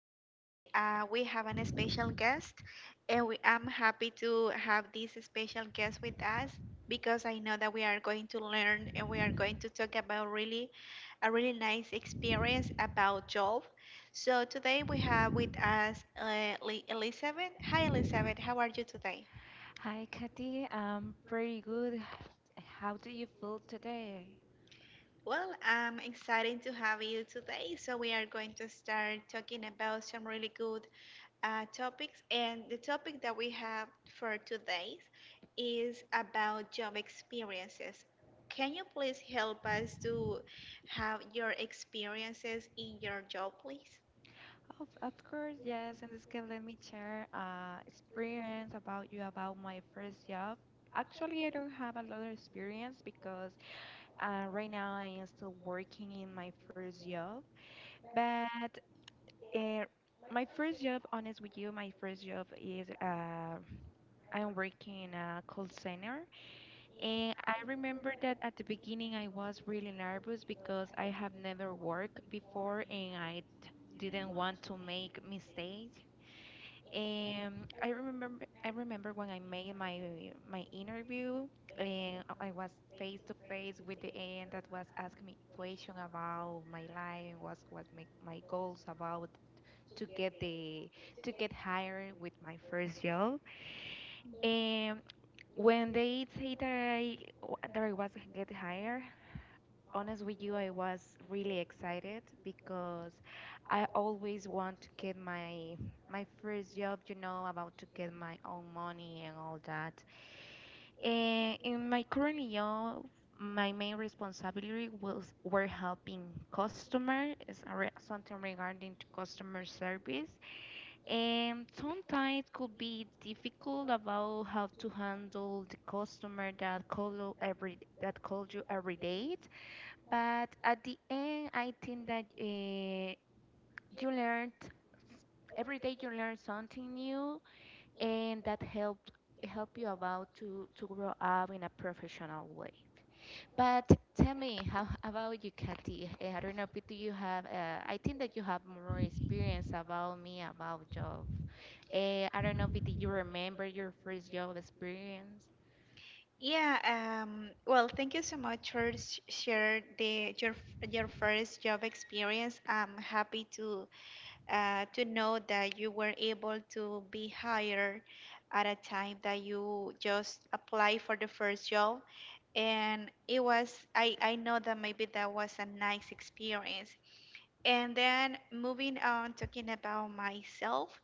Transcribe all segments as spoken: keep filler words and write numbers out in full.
Today uh, we have an special guest, and we am happy to have this special guest with us because I know that we are going to learn and we are going to talk about really a really nice experience about job. So today we have with us uh, Li- Elizabeth. Hi, Elizabeth. How are you today? Hi, Katy. I'm pretty good. How do you feel today? Well, I'm excited to have you today. So, we are going to start talking about some really good uh, topics. And the topic that we have for today is about job experiences. Can you please help us to have your experiences in your job, please? Of, of course, yes. And this can let me share uh, experience about you about my first job. Actually, I don't have a lot of experience because uh, right now I am still working in my first job. But uh, my first job, honest with you, my first job is uh, I'm working in a call center. And I remember that at the beginning I was really nervous because I have never worked before and I d- didn't want to make mistakes. And I remember I remember when I made my my interview and I was face to face with the end that was asking me question about my life and what was my, my goals about to get the to get hired with my first job. When they say that I that I was get hired, honest with you, I was really excited because I always want to get my my first job, you know, about to get my own money and all that. And in my current job, my main responsibility was were helping customers, something regarding to customer service and sometimes could be difficult about how to handle the customer that call every that call you every day. But at the end, I think that uh, you learned every day you learn something new, and that helped help you about to to grow up in a professional way. But tell me, how about you, Katy? Eh, I don't know if do you have. Uh, I think that you have more experience about me about job. Eh, I don't know if did you remember your first job experience? Yeah, um, well, thank you so much for sh- share the your f- your first job experience. I'm happy to uh, to know that you were able to be hired at a time that you just apply for the first job and it was I, I know that maybe that was a nice experience. And then moving on talking about myself,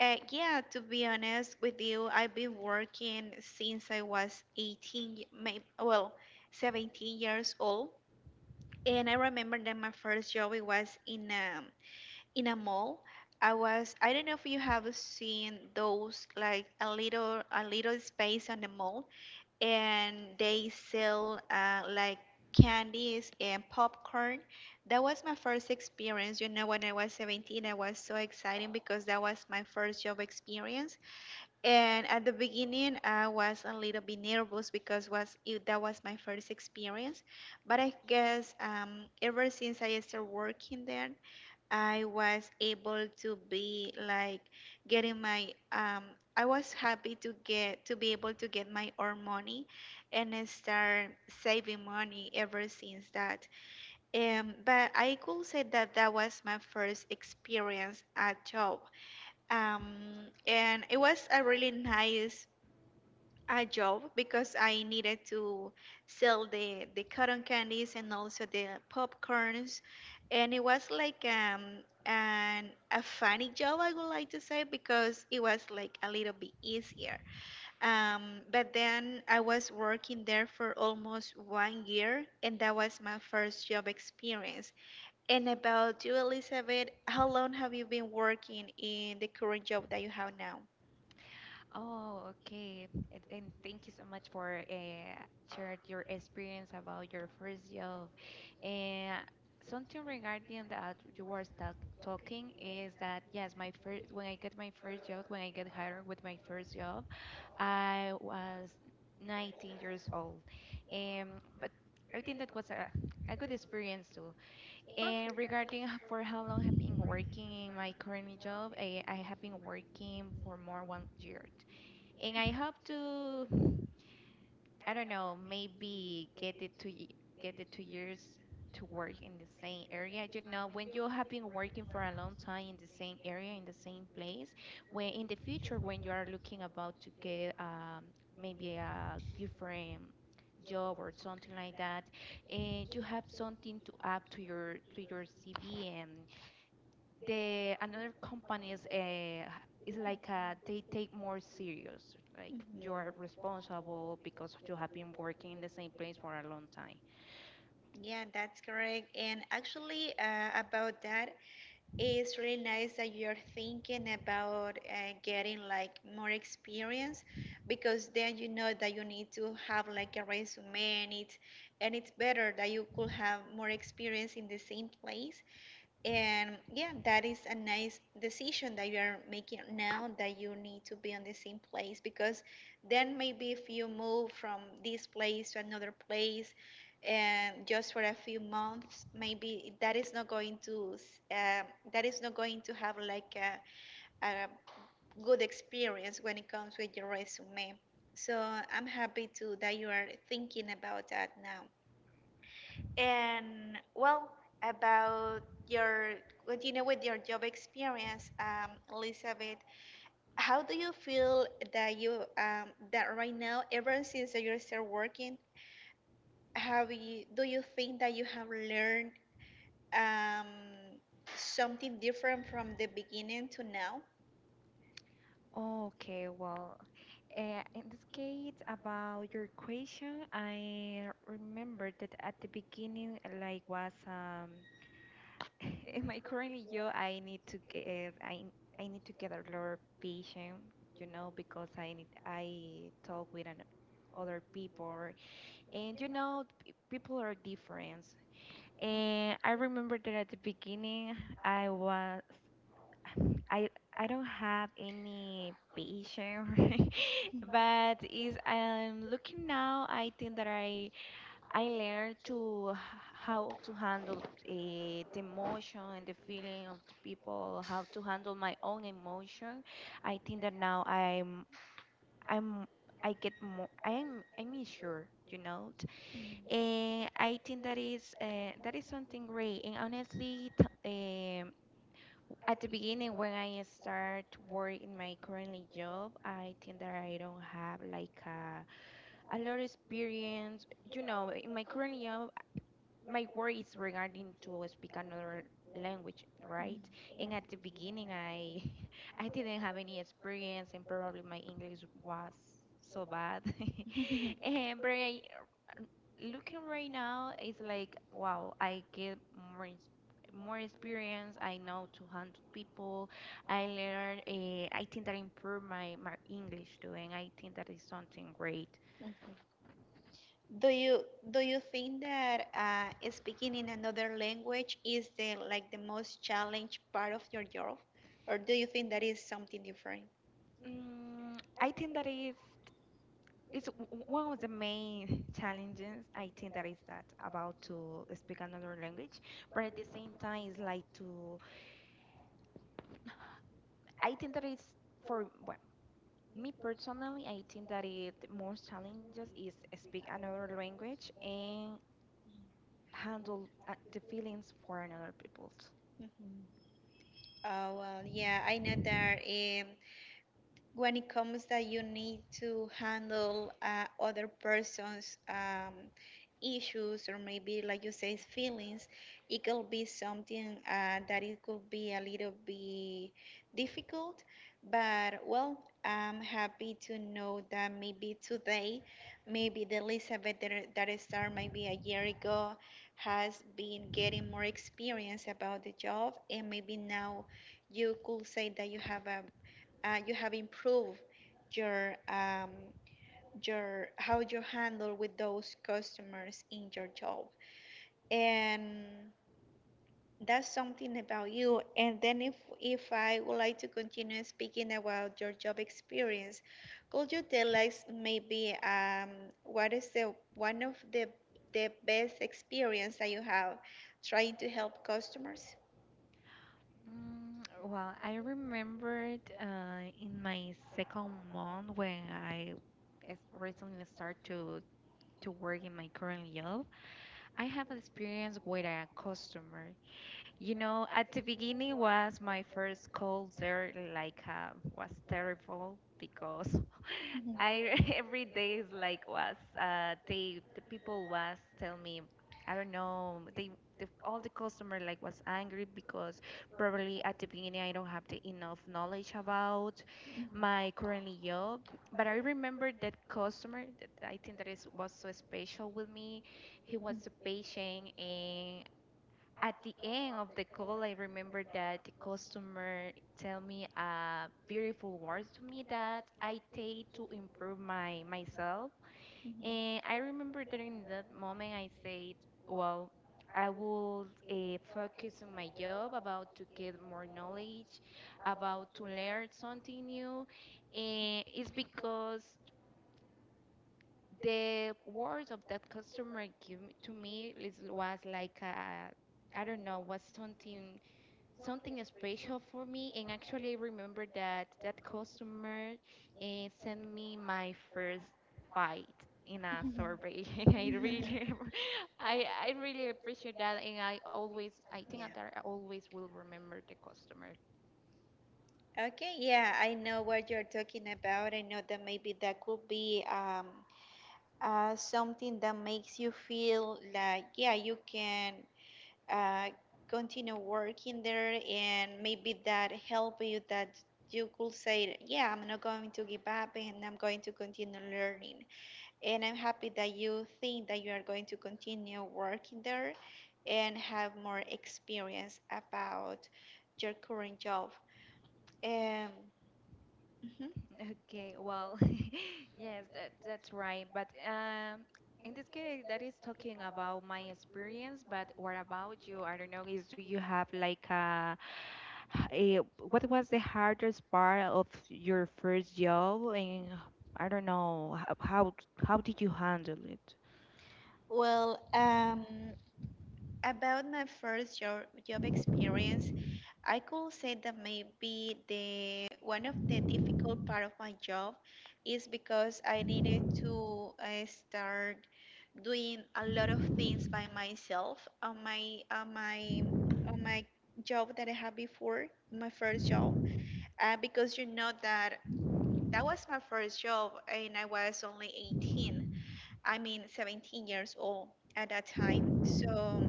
uh, yeah, to be honest with you, I've been working since I was eighteen, maybe well seventeen years old, and I remember that my first job, it was in um, in a mall. I was I don't know if you have seen those, like a little a little space on the mall, and they sell uh, like candies and popcorn. That was my first experience. You know, when I was seventeen, I was so excited because that was my first job experience. And at the beginning, I was a little bit nervous because was it, that was my first experience. But I guess um, ever since I started working there, I was able to be like getting my um I was happy to get to be able to get my own money, and I start saving money ever since that. Um but I could say that that was my first experience at job. Um and it was a really nice a job because I needed to sell the the cotton candies and also the popcorns, and it was like um an a funny job, I would like to say, because it was like a little bit easier. Um, but then I was working there for almost one year, and that was my first job experience. And about you, Elizabeth, how long have you been working in the current job that you have now? Oh, okay. And and thank you so much for uh, sharing your experience about your first job. And something regarding that you were talk talking is that yes, my first when I get my first job, when I get hired with my first job, I was nineteen years old years old. Um, but I think that was a, a good experience too. Perfect. And regarding h- for how long I've been working in my current job, I, I have been working for more one year. And I hope to I don't know, maybe get it to y- get the two years to work in the same area. You know, when you have been working for a long time in the same area, in the same place, when in the future when you are looking about to get um, maybe a different job or something like that, and you have something to add to your to your C V and the another companies uh, is like uh, they take more serious like Mhm. you are responsible because you have been working in the same place for a long time. Yeah, that's correct. And actually, uh, about that, it's really nice that you're thinking about uh, getting like more experience, because then you know that you need to have like a resume, and it's, and it's better that you could have more experience in the same place. And yeah, that is a nice decision that you are making now, that you need to be on the same place, because then maybe if you move from this place to another place and just for a few months, maybe that is not going to um that is not going to have like a, a good experience when it comes with your resume. So I'm happy too that you are thinking about that now. And well, about your continue with your job experience, um, Elizabeth, how do you feel that you um, that right now, ever since that you start working, have you do you think that you have learned um, something different from the beginning to now? Okay, well, uh, in this case, about your question, I remember that at the beginning, like was um, in my current job, I need to get I I need to get a lot of patience, you know, because I need I talk with an, other people. And you know, p- people are different. And I remember that at the beginning, I was I I don't have any patience, but is I'm looking now. I think that I I learned to h- how to handle uh, the emotion and the feeling of the people, how to handle my own emotion. I think that now I'm I'm I get more I'm I'm sure, you know. Eh, I think that is uh, that is something great. And honestly, t um, at the beginning when I start to work in my current job, I think that I don't have like a, a lot of experience. You know, in my current job, my work is regarding to speak another language, right? And at the beginning, I I didn't have any experience, and probably my English was so bad. And but I, looking right now it's like wow, i get more ins- more experience, I know two hundred people, I learn uh, I think that improve my my English doing. I think that is something great. Do you do you think that uh, speaking in another language is the like the most challenged part of your job, or do you think that is something different? mm, I think that is it's w- w- one of the main challenges. I think that is that about to speak another language, but at the same time it's like to I think that is for me personally, I think that it most challenges is speak another language and handle uh, the feelings for another people's. Hmm. Oh well, yeah, I know that um, when it comes that you need to handle uh, other persons. Um, issues, or maybe like you say feelings, it could be something uh, that it could be a little bit difficult. But well, I'm happy to know that maybe today, maybe the Elizabeth that, that started maybe a year ago has been getting more experience about the job, and maybe now you could say that you have a uh, you have improved your um, your how you handle with those customers in your job. And that's something about you. And then if if I would like to continue speaking about your job experience, could you tell us maybe um, what is the one of the the best experience that you have trying to help customers? Mm, well, I remembered uh, in my second month when I es- recently started to to work in my current job, I have experience with a customer. You know, at the beginning was my first call there, like uh, was terrible because Mhm. Mhm. I every day is like was uh they the people was tell me I don't know they the, all the customer like was angry because probably at the beginning I don't have the enough knowledge about my currently job. But I remember that customer that I think that is was so special with me. He was so patient and at the end of the call, I remember that the customer tell me uh, beautiful words to me that I take to improve my myself. And I remember during that moment, I said, "Well, I will uh, focus on my job, about to get more knowledge, about to learn something new." And it's because the words of that customer give to me is, was like a, I don't know, was something something special for me. And actually, I remember that that customer uh, sent me my first bite in a survey. And I really, I I really appreciate that, and I always, I think Yeah. that I always will remember the customer. Okay. Yeah, I know what you're talking about. I know that maybe that could be um, uh, something that makes you feel like, yeah, you can uh, continue working there, and maybe that help you that you could say, yeah, I'm not going to give up, and I'm going to continue learning. And I'm happy that you think that you are going to continue working there and have more experience about your current job. um, mhm. Okay, well, yes, that, that's right. But um, in this case, that is talking about my experience. But what about you? I don't know. Is do you have like a, a what was the hardest part of your first job? And I don't know h- how how did you handle it? Well, um, about my first job, job experience, I could say that maybe the one of the difficult part of my job is because I needed to uh, start doing a lot of things by myself on my on my on my job that I had before, my first job. Uh, because you know that that was my first job, and I was only eighteen. I mean seventeen years old at that time. So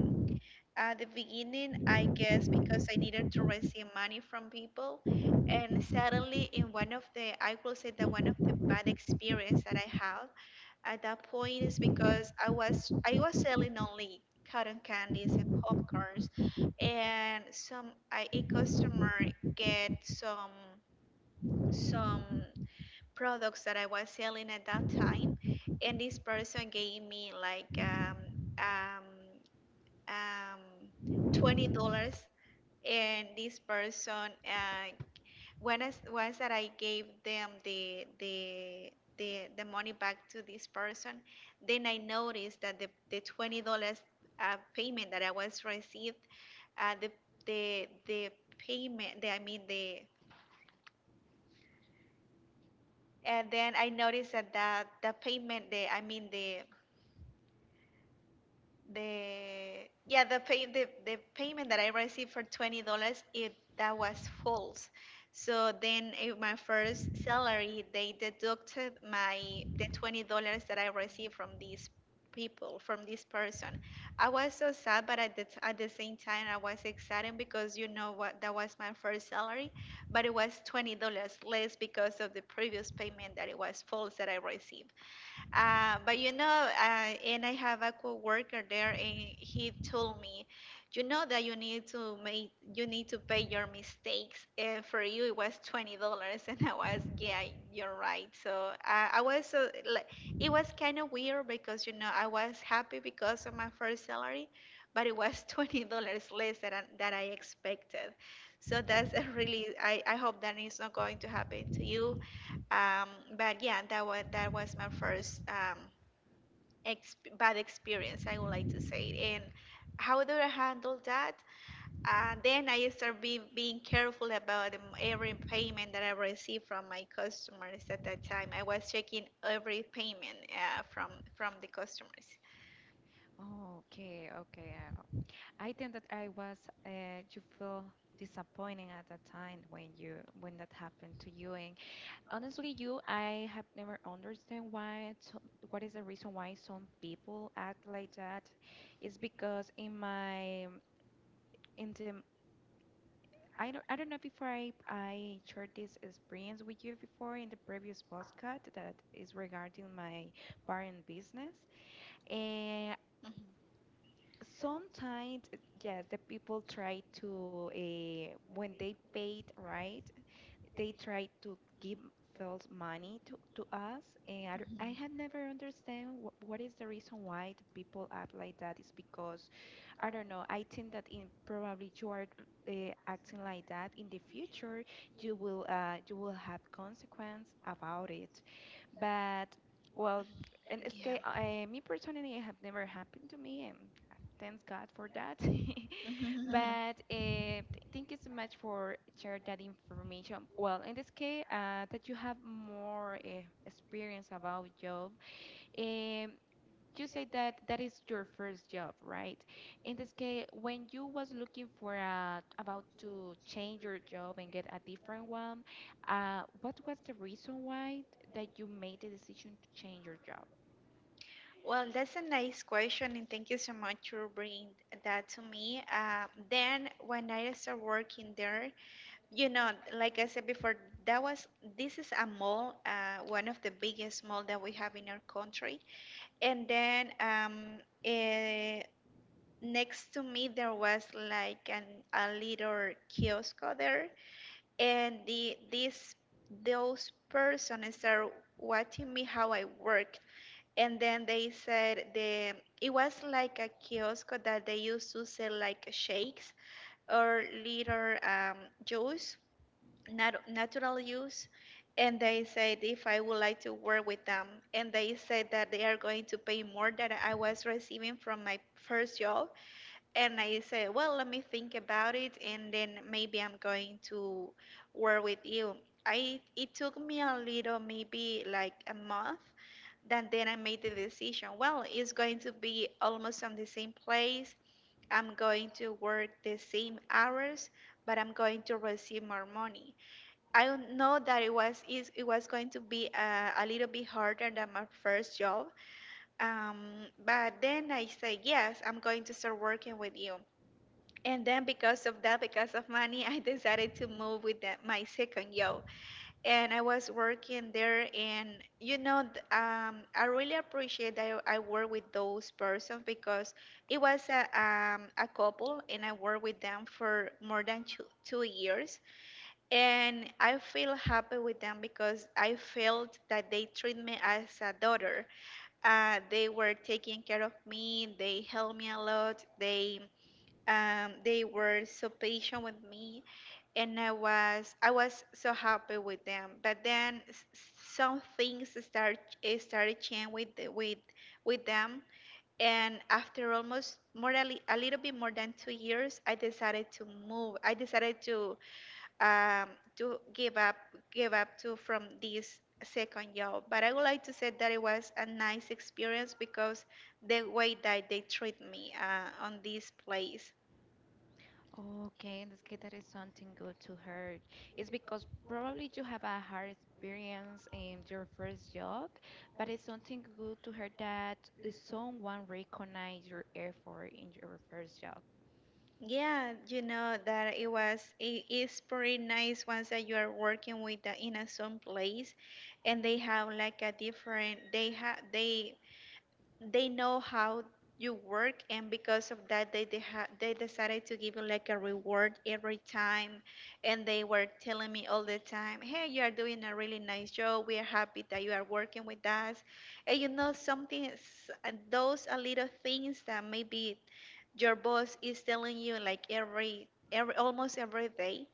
at the beginning, I guess because I needed to receive money from people, and suddenly in one of the, I will say that one of the bad experience that I had at that point is because I was I was selling only cotton candies and popcorns, and some I, a customer get some some products that I was selling at that time, and this person gave me like um um um. twenty dollars. And this person uh, when I, once that I gave them the the the, the money back to this person, then I noticed that the, the twenty dollars uh, payment that I was received uh, the the the payment the, I mean the and then I noticed that that the payment the I mean the the yeah the pay the, the payment that I received for twenty dollars, it that was false. So then in my first salary they deducted my the twenty dollars that I received from these people from this person. I was so sad, but at the t- at the same time I was excited, because you know what, that was my first salary, but it was twenty dollars less because of the previous payment that it was false that I received. Uh, but you know, uh, and I have a coworker there, and he told me, you know that you need to make, you need to pay your mistakes. And for you, it was twenty dollars, and I was, yeah, you're right. So uh, I was, so, like, it was kind of weird because you know I was happy because of my first salary, but it was twenty dollars less than I- that I expected. So that's a really, I, I hope that is not going to happen to you. Um, but yeah, that was that was my first um, ex bad experience, I would like to say. And how do I handle that? Uh, then I start be, being careful about um, every payment that I receive from my customers at that time. I was checking every payment uh, from from the customers. Oh, okay, okay. uh, I think that I was uh, you feel disappointing at that time when you when that happened to you and honestly, you, I have never understand why, to, what is the reason why some people act like that. It's because in my, in the, I don't, I don't know before I, I shared this experience with you before in the previous podcast that is regarding my parent business. And Mhm, sometimes, yes, the people try to, uh, when they paid, right? They tried to give false money to, to us and I, d- I had mhm. never understand wh- what is the reason why the people act like that is because I don't know I think that in probably you are uh, acting like that in the future you will uh, you will have consequence about it but well and it's ca- Yeah. uh, me personally it have never happened to me and uh, thanks god for that. Mhm. But uh, th- thank you so much for share that information. Well, in this case, uh, that you have more uh, experience about job, um, you say that that is your first job, right? In this case, when you was looking for a, about to change your job and get a different one, uh, what was the reason why that you made the decision to change your job? Well, that's a nice question, and thank you so much for bringing that to me. Uh, then, when I started working there, you know, like I said before, that was this is a mall, uh, one of the biggest mall that we have in our country. And then um, eh, next to me there was like an, a little kiosk there, and the this those persons started watching me how I worked. And then they said the it was like a kiosk that they used to sell like shakes or little um, juice nat- natural use, and they said if I would like to work with them, and they said that they are going to pay more than I was receiving from my first job. And I said, well, let me think about it, and then maybe I'm going to work with you. I It took me a little, maybe like a month, then then I made the decision. Well, it's going to be almost on the same place, I'm going to work the same hours, but I'm going to receive more money. I don't know that it was is it was going to be a, a little bit harder than my first job, um, but then I said yes, I'm going to start working with you. And then because of that, because of money, I decided to move with the, my second job, and I was working there. And you know, th- um, I really appreciate that I I work with those persons because it was a um, a couple, and I worked with them for more than two, two years and I feel happy with them because I felt that they treat me as a daughter. Uh, they were taking care of me. They helped me a lot. They um, they were so patient with me, and I was I was so happy with them. But then s- some things start eh, started changing with the- with with them. And after almost more than a little bit more than two years, I decided to move. I decided to um, to give up give up to from this second job. But I would like to say that it was a nice experience because the way that they treat me uh, on this place. Okay, in this case, that is something good to hear. It's because probably you have a hard experience in your first job, but it's something good to hear that someone recognize your effort in your first job. Yeah, you know that it was it is pretty nice once that you are working with the in a some place and they have like a different they have they they know how you work, and because of that, they de- ha- they decided to give you like a reward every time. And they were telling me all the time, "Hey, you are doing a really nice job. We are happy that you are working with us." And you know, something, s- uh, those are little things that maybe your boss is telling you like every every almost every day.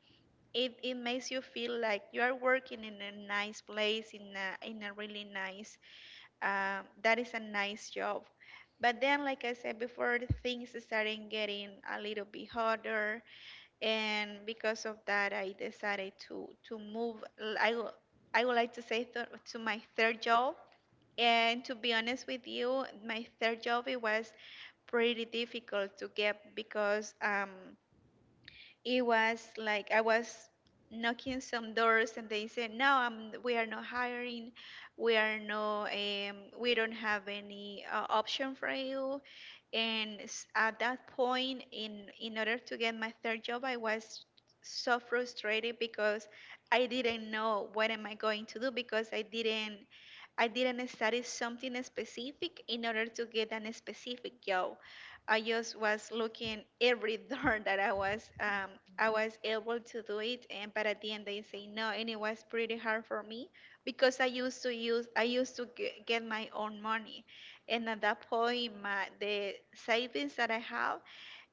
It, it makes you feel like you are working in a nice place, in a, in a really nice, um, that is a nice job. But then, like I said before, the things started getting a little bit harder, and because of that, I decided to to move. l- I wo- I would like to say th- to my third job. And to be honest with you, my third job, it was pretty difficult to get, because um, it was like I was knocking some doors and they said no, um, we are not hiring, we are no um, we don't have any uh, option for you. And s- at that point, in in order to get my third job, I was so frustrated because I didn't know what am I going to do, because i didn't I didn't study something specific in order to get an specific job. I just was looking every door that I was Mhm. um, I was able to do it, and but at the end they say no, and it was pretty hard for me because I used to use I used to ge- get my own money, and at that point my the savings that I have,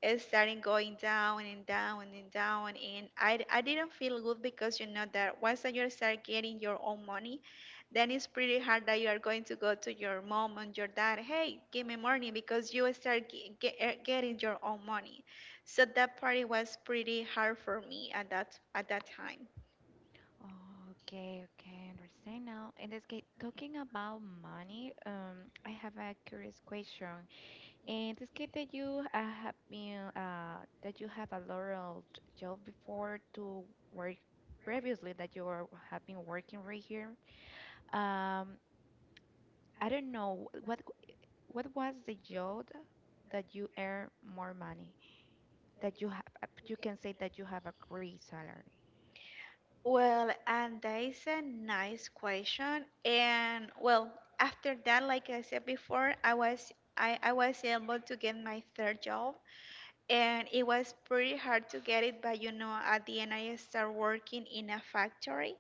it started going down and down and down. And I, I didn't feel good because you know that once that you start getting your own money, then it's pretty hard that you are going to go to your mom and your dad, "Hey, give me money," because you start ge- ge- eh, getting your own money. So that party was pretty hard for me at that at that time. Okay, okay, understand now. In this case, talking about money, um, I have a curious question. And it's good that you uh, have been uh, that you have a lot of j- job before to work previously that you are, have been working right here. Um, I don't know what what was the job that you earn more money that you have uh, you can say that you have a great salary. Well, and that is a nice question. And well, after that, like I said before, I was I, I was able to get my third job, and it was pretty hard to get it. But you know, at the end, I started working in a factory,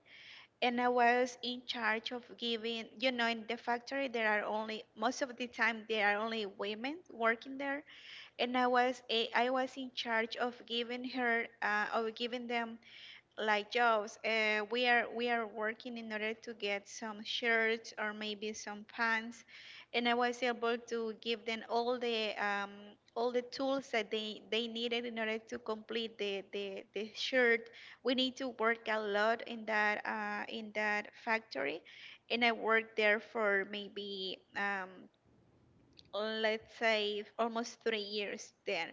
and I was in charge of giving, you know, in the factory there are only, most of the time there are only women working there, and I was a, I was in charge of giving her uh, of giving them like jobs. Uh, we are we are working in order to get some shirts or maybe some pants, and I was able to give them all the um, all the tools that they they needed in order to complete the the, the shirt. We need to work a lot in that uh, in that factory, and I worked there for maybe um, let's say almost three years there.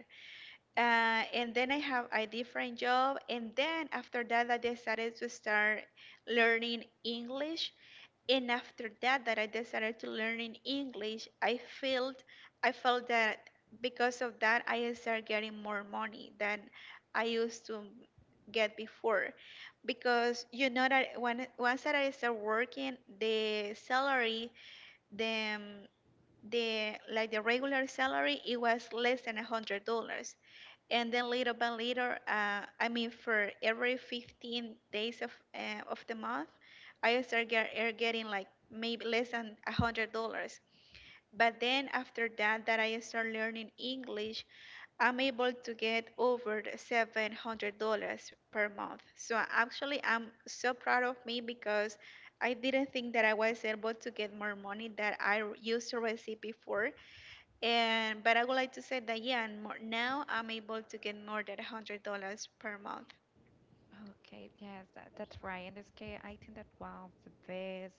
uh, And then I have a different job, and then after that, I decided to start learning English. And after that, that I decided to learn in English, I felt, I felt that because of that, I started getting more money than I used to get before. Because you know that when, once that I start working, the salary, the um, the like the regular salary, it was less than a hundred dollars. And then little by little, uh, I mean, for every fifteen days of uh, of the month, I start get, er, getting like maybe less than a hundred dollars. But then after that, that I start learning English, I'm able to get over seven hundred dollars per month. So actually, I'm so proud of me, because I didn't think that I was able to get more money that I used to receive before. And but I would like to say that yeah, and more, now I'm able to get more than a hundred dollars per month. Okay, yes, that, that's right. In this case, I think that one of the best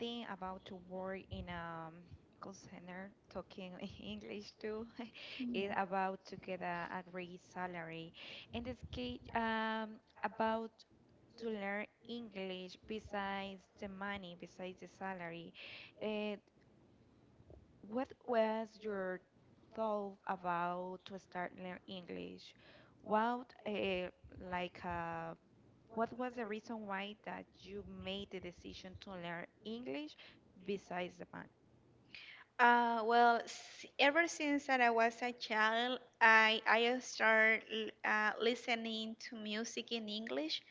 thing about to work in a um, call center, talking English too, is Yeah. about to get a, a great salary. In this case, um, about to learn English besides the money, besides the salary, uh, what was your thought about to start learn English? What, uh, like, uh, what was the reason why that you made the decision to learn English besides the math? Uh, well, s- ever since that I was a child, I I started uh, listening to music in English,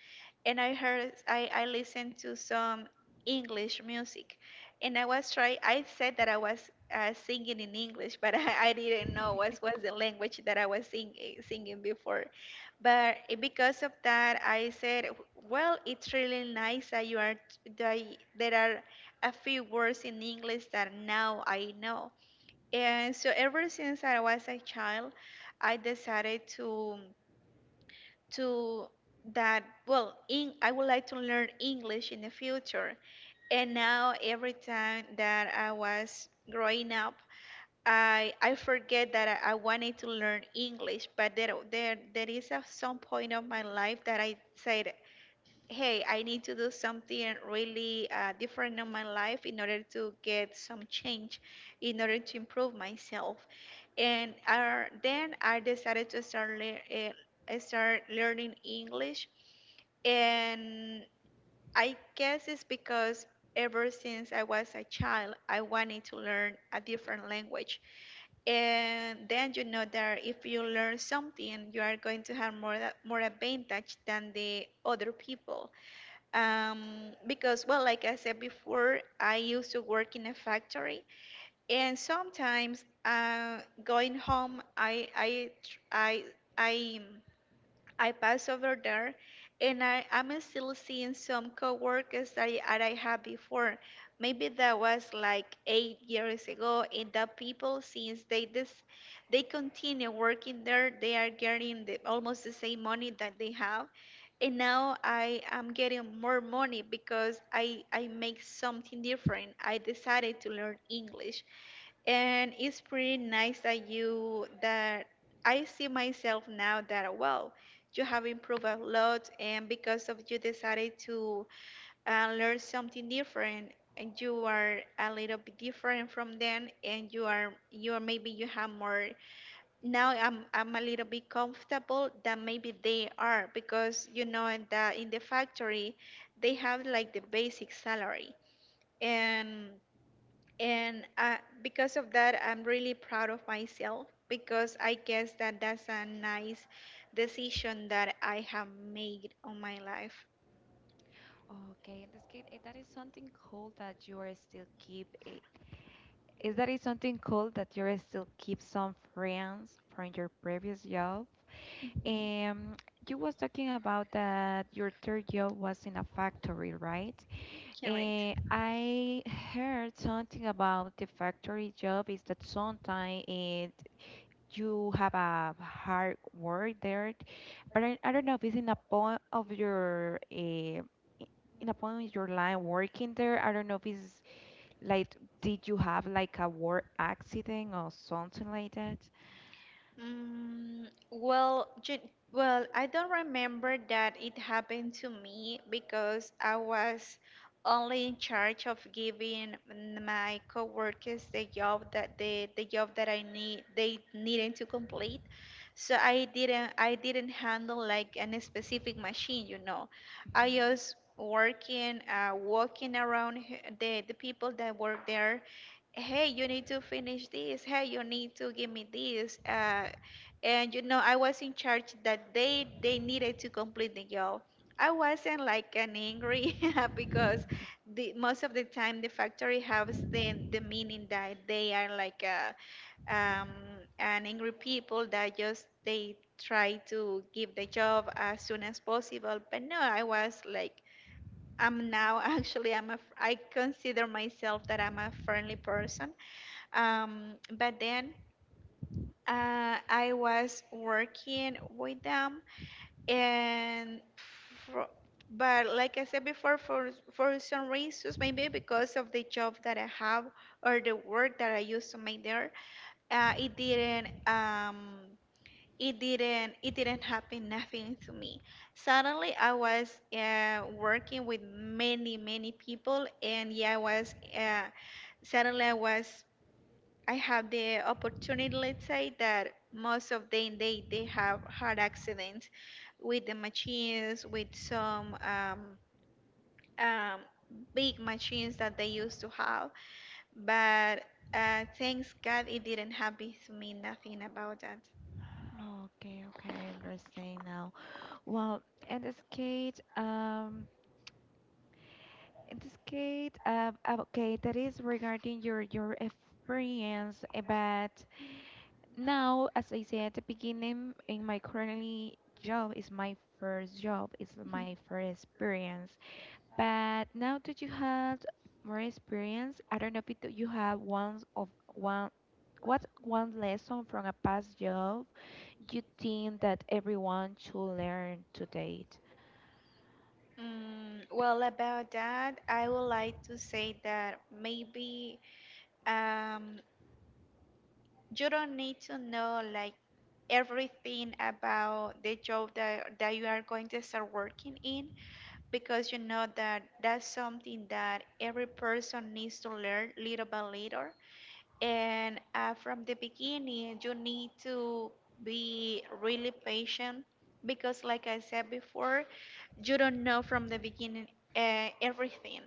and I heard I I listened to some English music, and I was try I said that I was uh, singing in English, but I, I didn't know what was the language that I was sing, eh, singing before. But eh, because of that, I said, well, it's really nice that you are that there are a few words in English that now I know. And so ever since I was a child, I decided to to that well, in, I would like to learn English in the future. And now every time that I was growing up, I I forget that I, I wanted to learn English. But there there there is a, some point of my life that I said, hey, I need to do something really uh, different in my life in order to get some change, in order to improve myself. And uh, then I decided to start lear uh, I start learning English. And I guess it's because ever since I was a child, I wanted to learn a different language. And then you know that if you learn something, you are going to have more, a- more advantage than the other people, um, because, well, like I said before, I used to work in a factory, and sometimes uh, going home, i i tr- i i I pass over there, and I, I'm still seeing some coworkers that I, that I had before. Maybe that was like eight years ago, and the people, since they this they continue working there, they are getting the, almost the same money that they have. And now I am getting more money because I, I make something different. I decided to learn English, and it's pretty nice that you that I see myself now that, well, you have improved a lot, and because of you decided to uh, learn something different, and you are a little bit different from them, and you are you are maybe you have more, now i'm i'm a little bit comfortable than maybe they are, because you know, in the in the factory they have like the basic salary. And and uh, because of that, I'm really proud of myself, because I guess that that's a nice decision that I have made on my life. Okay, in this case, eh, that is something cool that you are still keep. eh, Is that is something cool that you are still keep some friends from your previous job? Um, you was talking about that your third job was in a factory, right? Correct. Eh, I heard something about the factory job is that sometimes it you have a hard work there, but I, I don't know if it's in a point of your uh, in a point of your line working there. I don't know if it's like did you have like a work accident or something like that? Mm, well, gen- well, I don't remember that it happened to me, because I was only in charge of giving n- my coworkers the job that they, the job that I need they needed to complete. So I didn't I didn't handle like any specific machine, you know. Mhm. I was working, uh, walking around h- the the people that work there, hey, you need to finish this, hey, you need to give me this. Uh, and you know, I was in charge that they they needed to complete the job. I wasn't like an angry because the most of the time the factory has the, the meaning that they are like uh, um, and angry people that just they try to give the job as soon as possible. But no, I was like, I'm now actually I'm a, I consider myself that I'm a friendly person. Um, but then uh, I was working with them, and fro- but like I said before, for for some reasons, maybe because of the job that I have or the work that I used to make there, uh, it didn't um, it didn't it didn't happen nothing to me. Suddenly, I was uh, working with many many people, and yeah, I was. Uh, suddenly I was I have the opportunity, let's say, that most of them, they they have had accidents with the machines, with some um, um, big machines that they used to have. But uh, thanks God, it didn't happen to me. Nothing about that. Okay, okay, I understand now. Well, in this case, um, in this case, uh, uh, okay, that is regarding your your experience, uh, but now, as I said at the beginning, in my currently job is my first job, is Mhm. my first experience. But now that you had more experience, I don't know if it, you have one of one what one lesson from a past job you think that everyone should learn to date? Mm, well, about that, I would like to say that maybe. Um, you don't need to know like everything about the job that, that you are going to start working in, because you know that that's something that every person needs to learn little by little. And uh, from the beginning you need to be really patient, because like I said before, you don't know from the beginning uh, everything.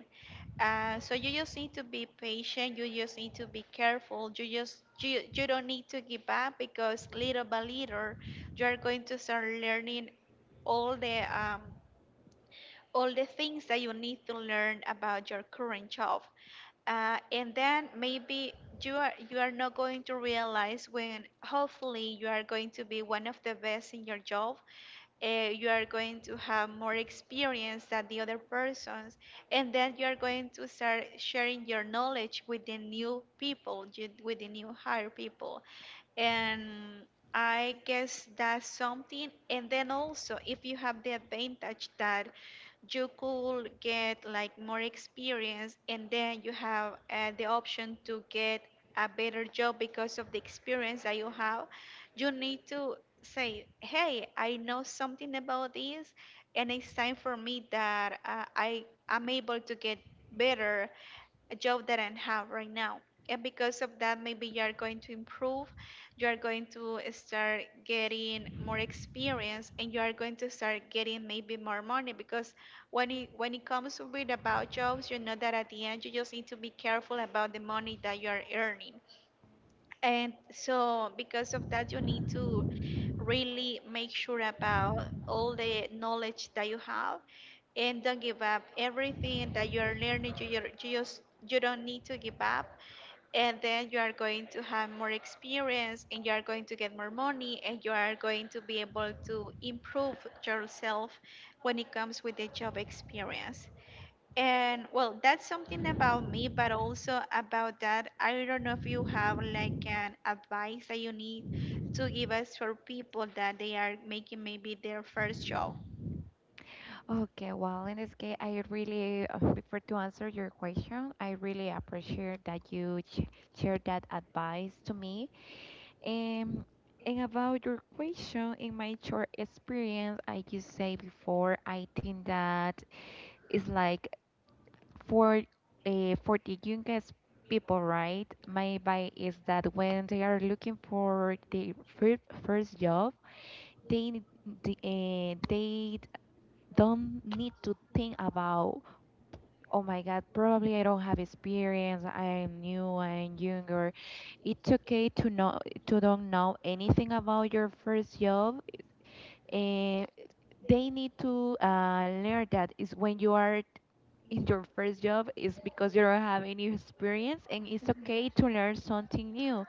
uh, So you just need to be patient, you just need to be careful, you just you, you don't need to give up, because little by little you are going to start learning all the um, all the things that you need to learn about your current job. Uh, and then maybe you are you are not going to realize when, hopefully, you are going to be one of the best in your job. Uh, you are going to have more experience than the other persons, and then you are going to start sharing your knowledge with the new people ju- with the new hire people, and I guess that's something. And then also, if you have the advantage that you could get like more experience, and then you have uh, the option to get a better job because of the experience that you have, you need to say, hey, I know something about this, and it's time for me that uh, I am able to get better a job that I have right now. And because of that, maybe you are going to improve, you are going to start getting more experience, and you are going to start getting maybe more money. Because when it, when it comes to read about jobs, you know that at the end you just need to be careful about the money that you are earning. And so, because of that, you need to really make sure about all the knowledge that you have, and don't give up. Everything that you're learning, you, you you just you don't need to give up. And then you are going to have more experience, and you are going to get more money, and you are going to be able to improve yourself when it comes with the job experience. And well, that's something about me. But also, about that, I don't know if you have like an advice that you need to give us for people that they are making maybe their first job. Okay, well, in this case, I really, uh, before to answer your question, I really appreciate that you ch shared that advice to me. Um, and about your question, in my short experience, I just say before, I think that it's like for uh, for the youngest people, right? My advice is that when they are looking for the first first job, they need- the, uh, they don't need to think about, oh my God, probably I don't have experience. I'm new, I'm younger. It's okay to know to don't know anything about your first job. And they need to uh, learn that is when you are in your first job is because you don't have any experience, and it's okay to learn something new.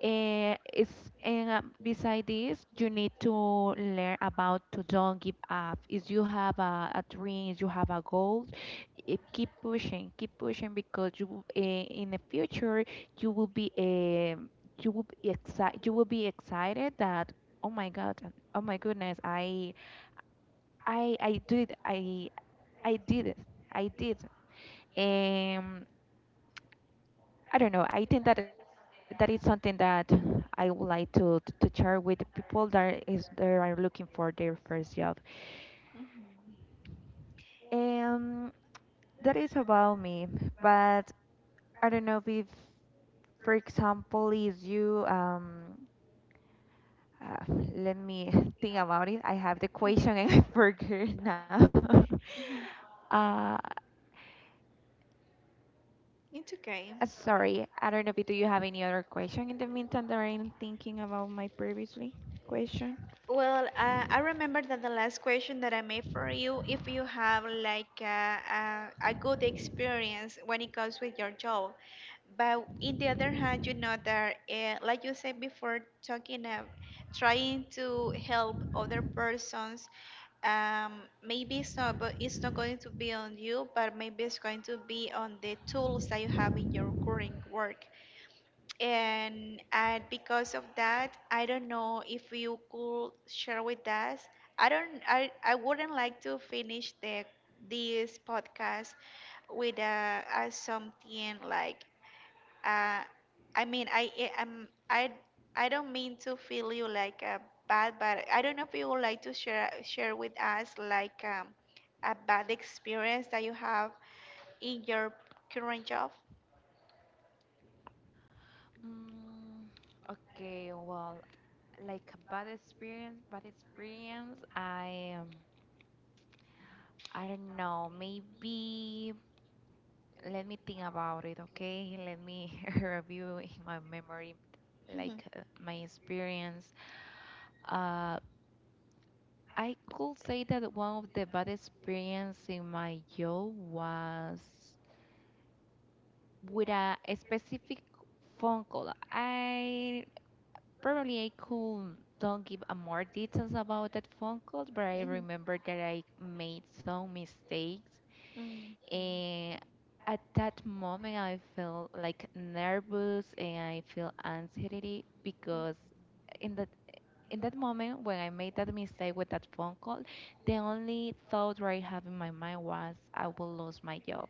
Eh, it's and uh, beside this, you need to learn about to don't give up. If you have a, a dream, if you have a goal, eh, keep pushing, keep pushing because you will- eh, in the future you will be um you will be excited, you will be excited that oh my God, uh, oh my goodness, I I I did I I did it, I did. Um, I don't know. I think that that is something that I would like to to share with people that is that are looking for their first job. hmm Um, that is about me, but I don't know if, for example, is you um. Uh, let me think about it. I have the question and I forget now. hmm uh, It's okay. Uh, sorry. I don't know if do you have any other question in the meantime that I'm thinking about my previously question. Well, uh, I remember that the last question that I made for you, if you have like a, a, a good experience when it comes with your job. But in the other hand, you know that, uh, like you said before, talking of trying to help other persons, um, maybe it's not, but it's not going to be on you, but maybe it's going to be on the tools that you have in your current work. And and because of that, I don't know if you could share with us. i don't i i wouldn't like to finish the this podcast with uh, uh something like uh i mean I am I I don't mean to feel you like a bad, but I don't know if you would like to share share with us like um a bad experience that you have in your current job. Mm, okay, well, like a bad experience, bad experience. I um, I don't know. Maybe let me think about it. Okay, let me review in my memory, Mhm. like uh, my experience. Uh, I could say that one of the bad experience in my job was with a, a specific phone call. I Probably I could don't give a more details about that phone call, but I Mhm. Mhm. remember that I made some mistakes. Mhm. And at that moment, I felt like nervous and I feel anxiety because in that in that moment when I made that mistake with that phone call, the only thought that I have in my mind was I will lose my job.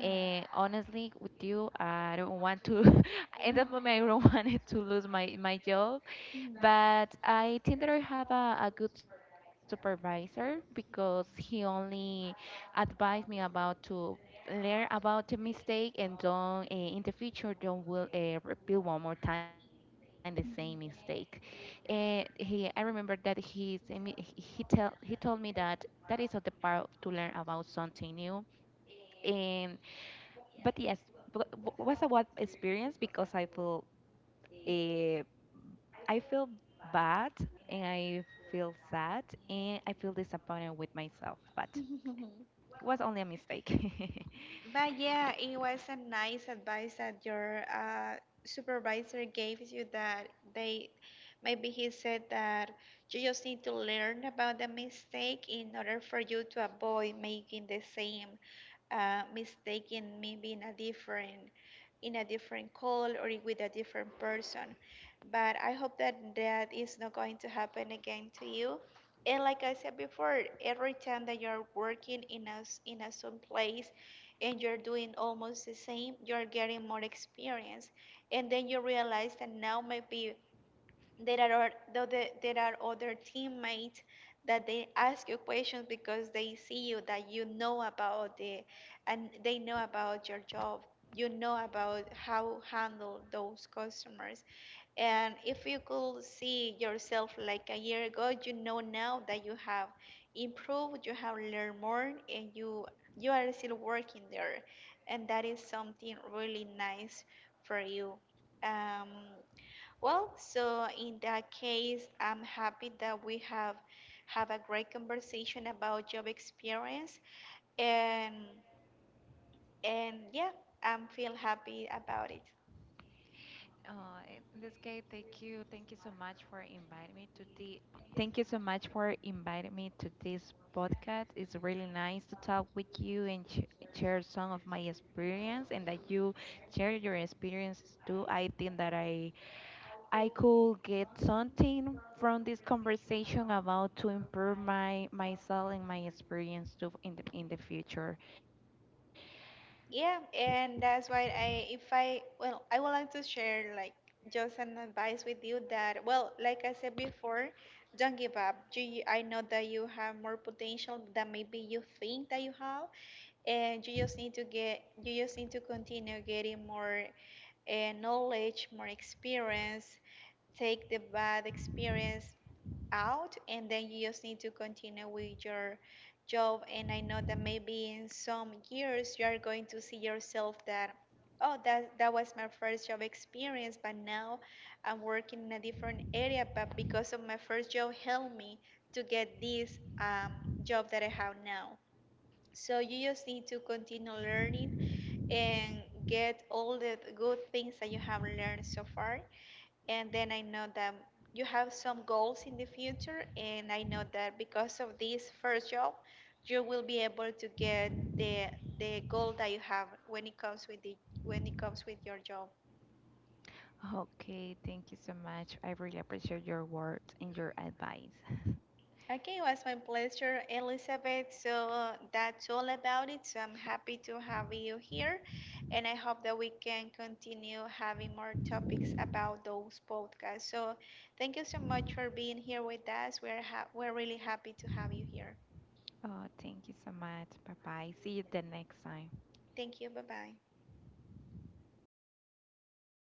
And honestly, with you, I don't want to. in that moment, I don't wanted to lose my my job. Mhm. But I think that I have a, a good supervisor because he only advised me about to learn about the mistake and don't uh, in the future don't will uh, repeat one more time the same mistake. And he, I remember that he say me- he he tell he told me that that is all the part to learn about something new. And but yes, but w- was a what experience because I feel. eh, I feel bad and I feel sad and I feel disappointed with myself, but Mhm. it was only a mistake. But yeah, it was a nice advice that your uh, supervisor gave you, that they maybe he said that you just need to learn about the mistake in order for you to avoid making the same uh, mistake in, maybe in a different in a different call, or with a different person. But I hope that that is not going to happen again to you. And like I said before, every time that you're working in a s- in a some place, and you're doing almost the same, you're getting more experience. And then you realize that now might be there are though the, there are other teammates that they ask you questions, because they see you that you know about the, and they know about your job. You know about how handle those customers. And if you could see yourself like a year ago, you know now that you have improved, you have learned more, and you you are still working there, and that is something really nice for you. Um, well, so in that case, I'm happy that we have have a great conversation about job experience. And and yeah, I'm feel happy about it. Oh, in in this case, thank you. Thank you so much for inviting me to the Thank you so much for inviting me to this podcast. It's really nice to talk with you and sh- share some of my experience and that you share your experiences too. I think that I I could get something from this conversation about to improve my myself and my experience too in the in the future. Yeah, and that's why I if I well, I would like to share like just an advice with you, that, well, like I said before, don't give up. You, you- I know that you have more potential than maybe you think that you have, and you just need to get, you just need to continue getting more and knowledge, more experience, take the bad experience out, and then you just need to continue with your job. And I know that maybe in some years you are going to see yourself that, oh, that, that was my first job experience, but now I'm working in a different area, but because of my first job, helped me to get this um, job that I have now. So you just need to continue learning and get all the good things that you have learned so far. And then I know that you have some goals in the future, and I know that because of this first job, you will be able to get the the goal that you have when it comes with the, when it comes with your job. Okay, thank you so much. I really appreciate your words and your advice. Okay, it was my pleasure, Elizabeth. So uh, that's all about it. So I'm happy to have you here, and I hope that we can continue having more topics about those podcasts. So thank you so much for being here with us. We're ha- we're really happy to have you here. Oh, thank you so much. Bye bye. See you the next time. Thank you. Bye bye.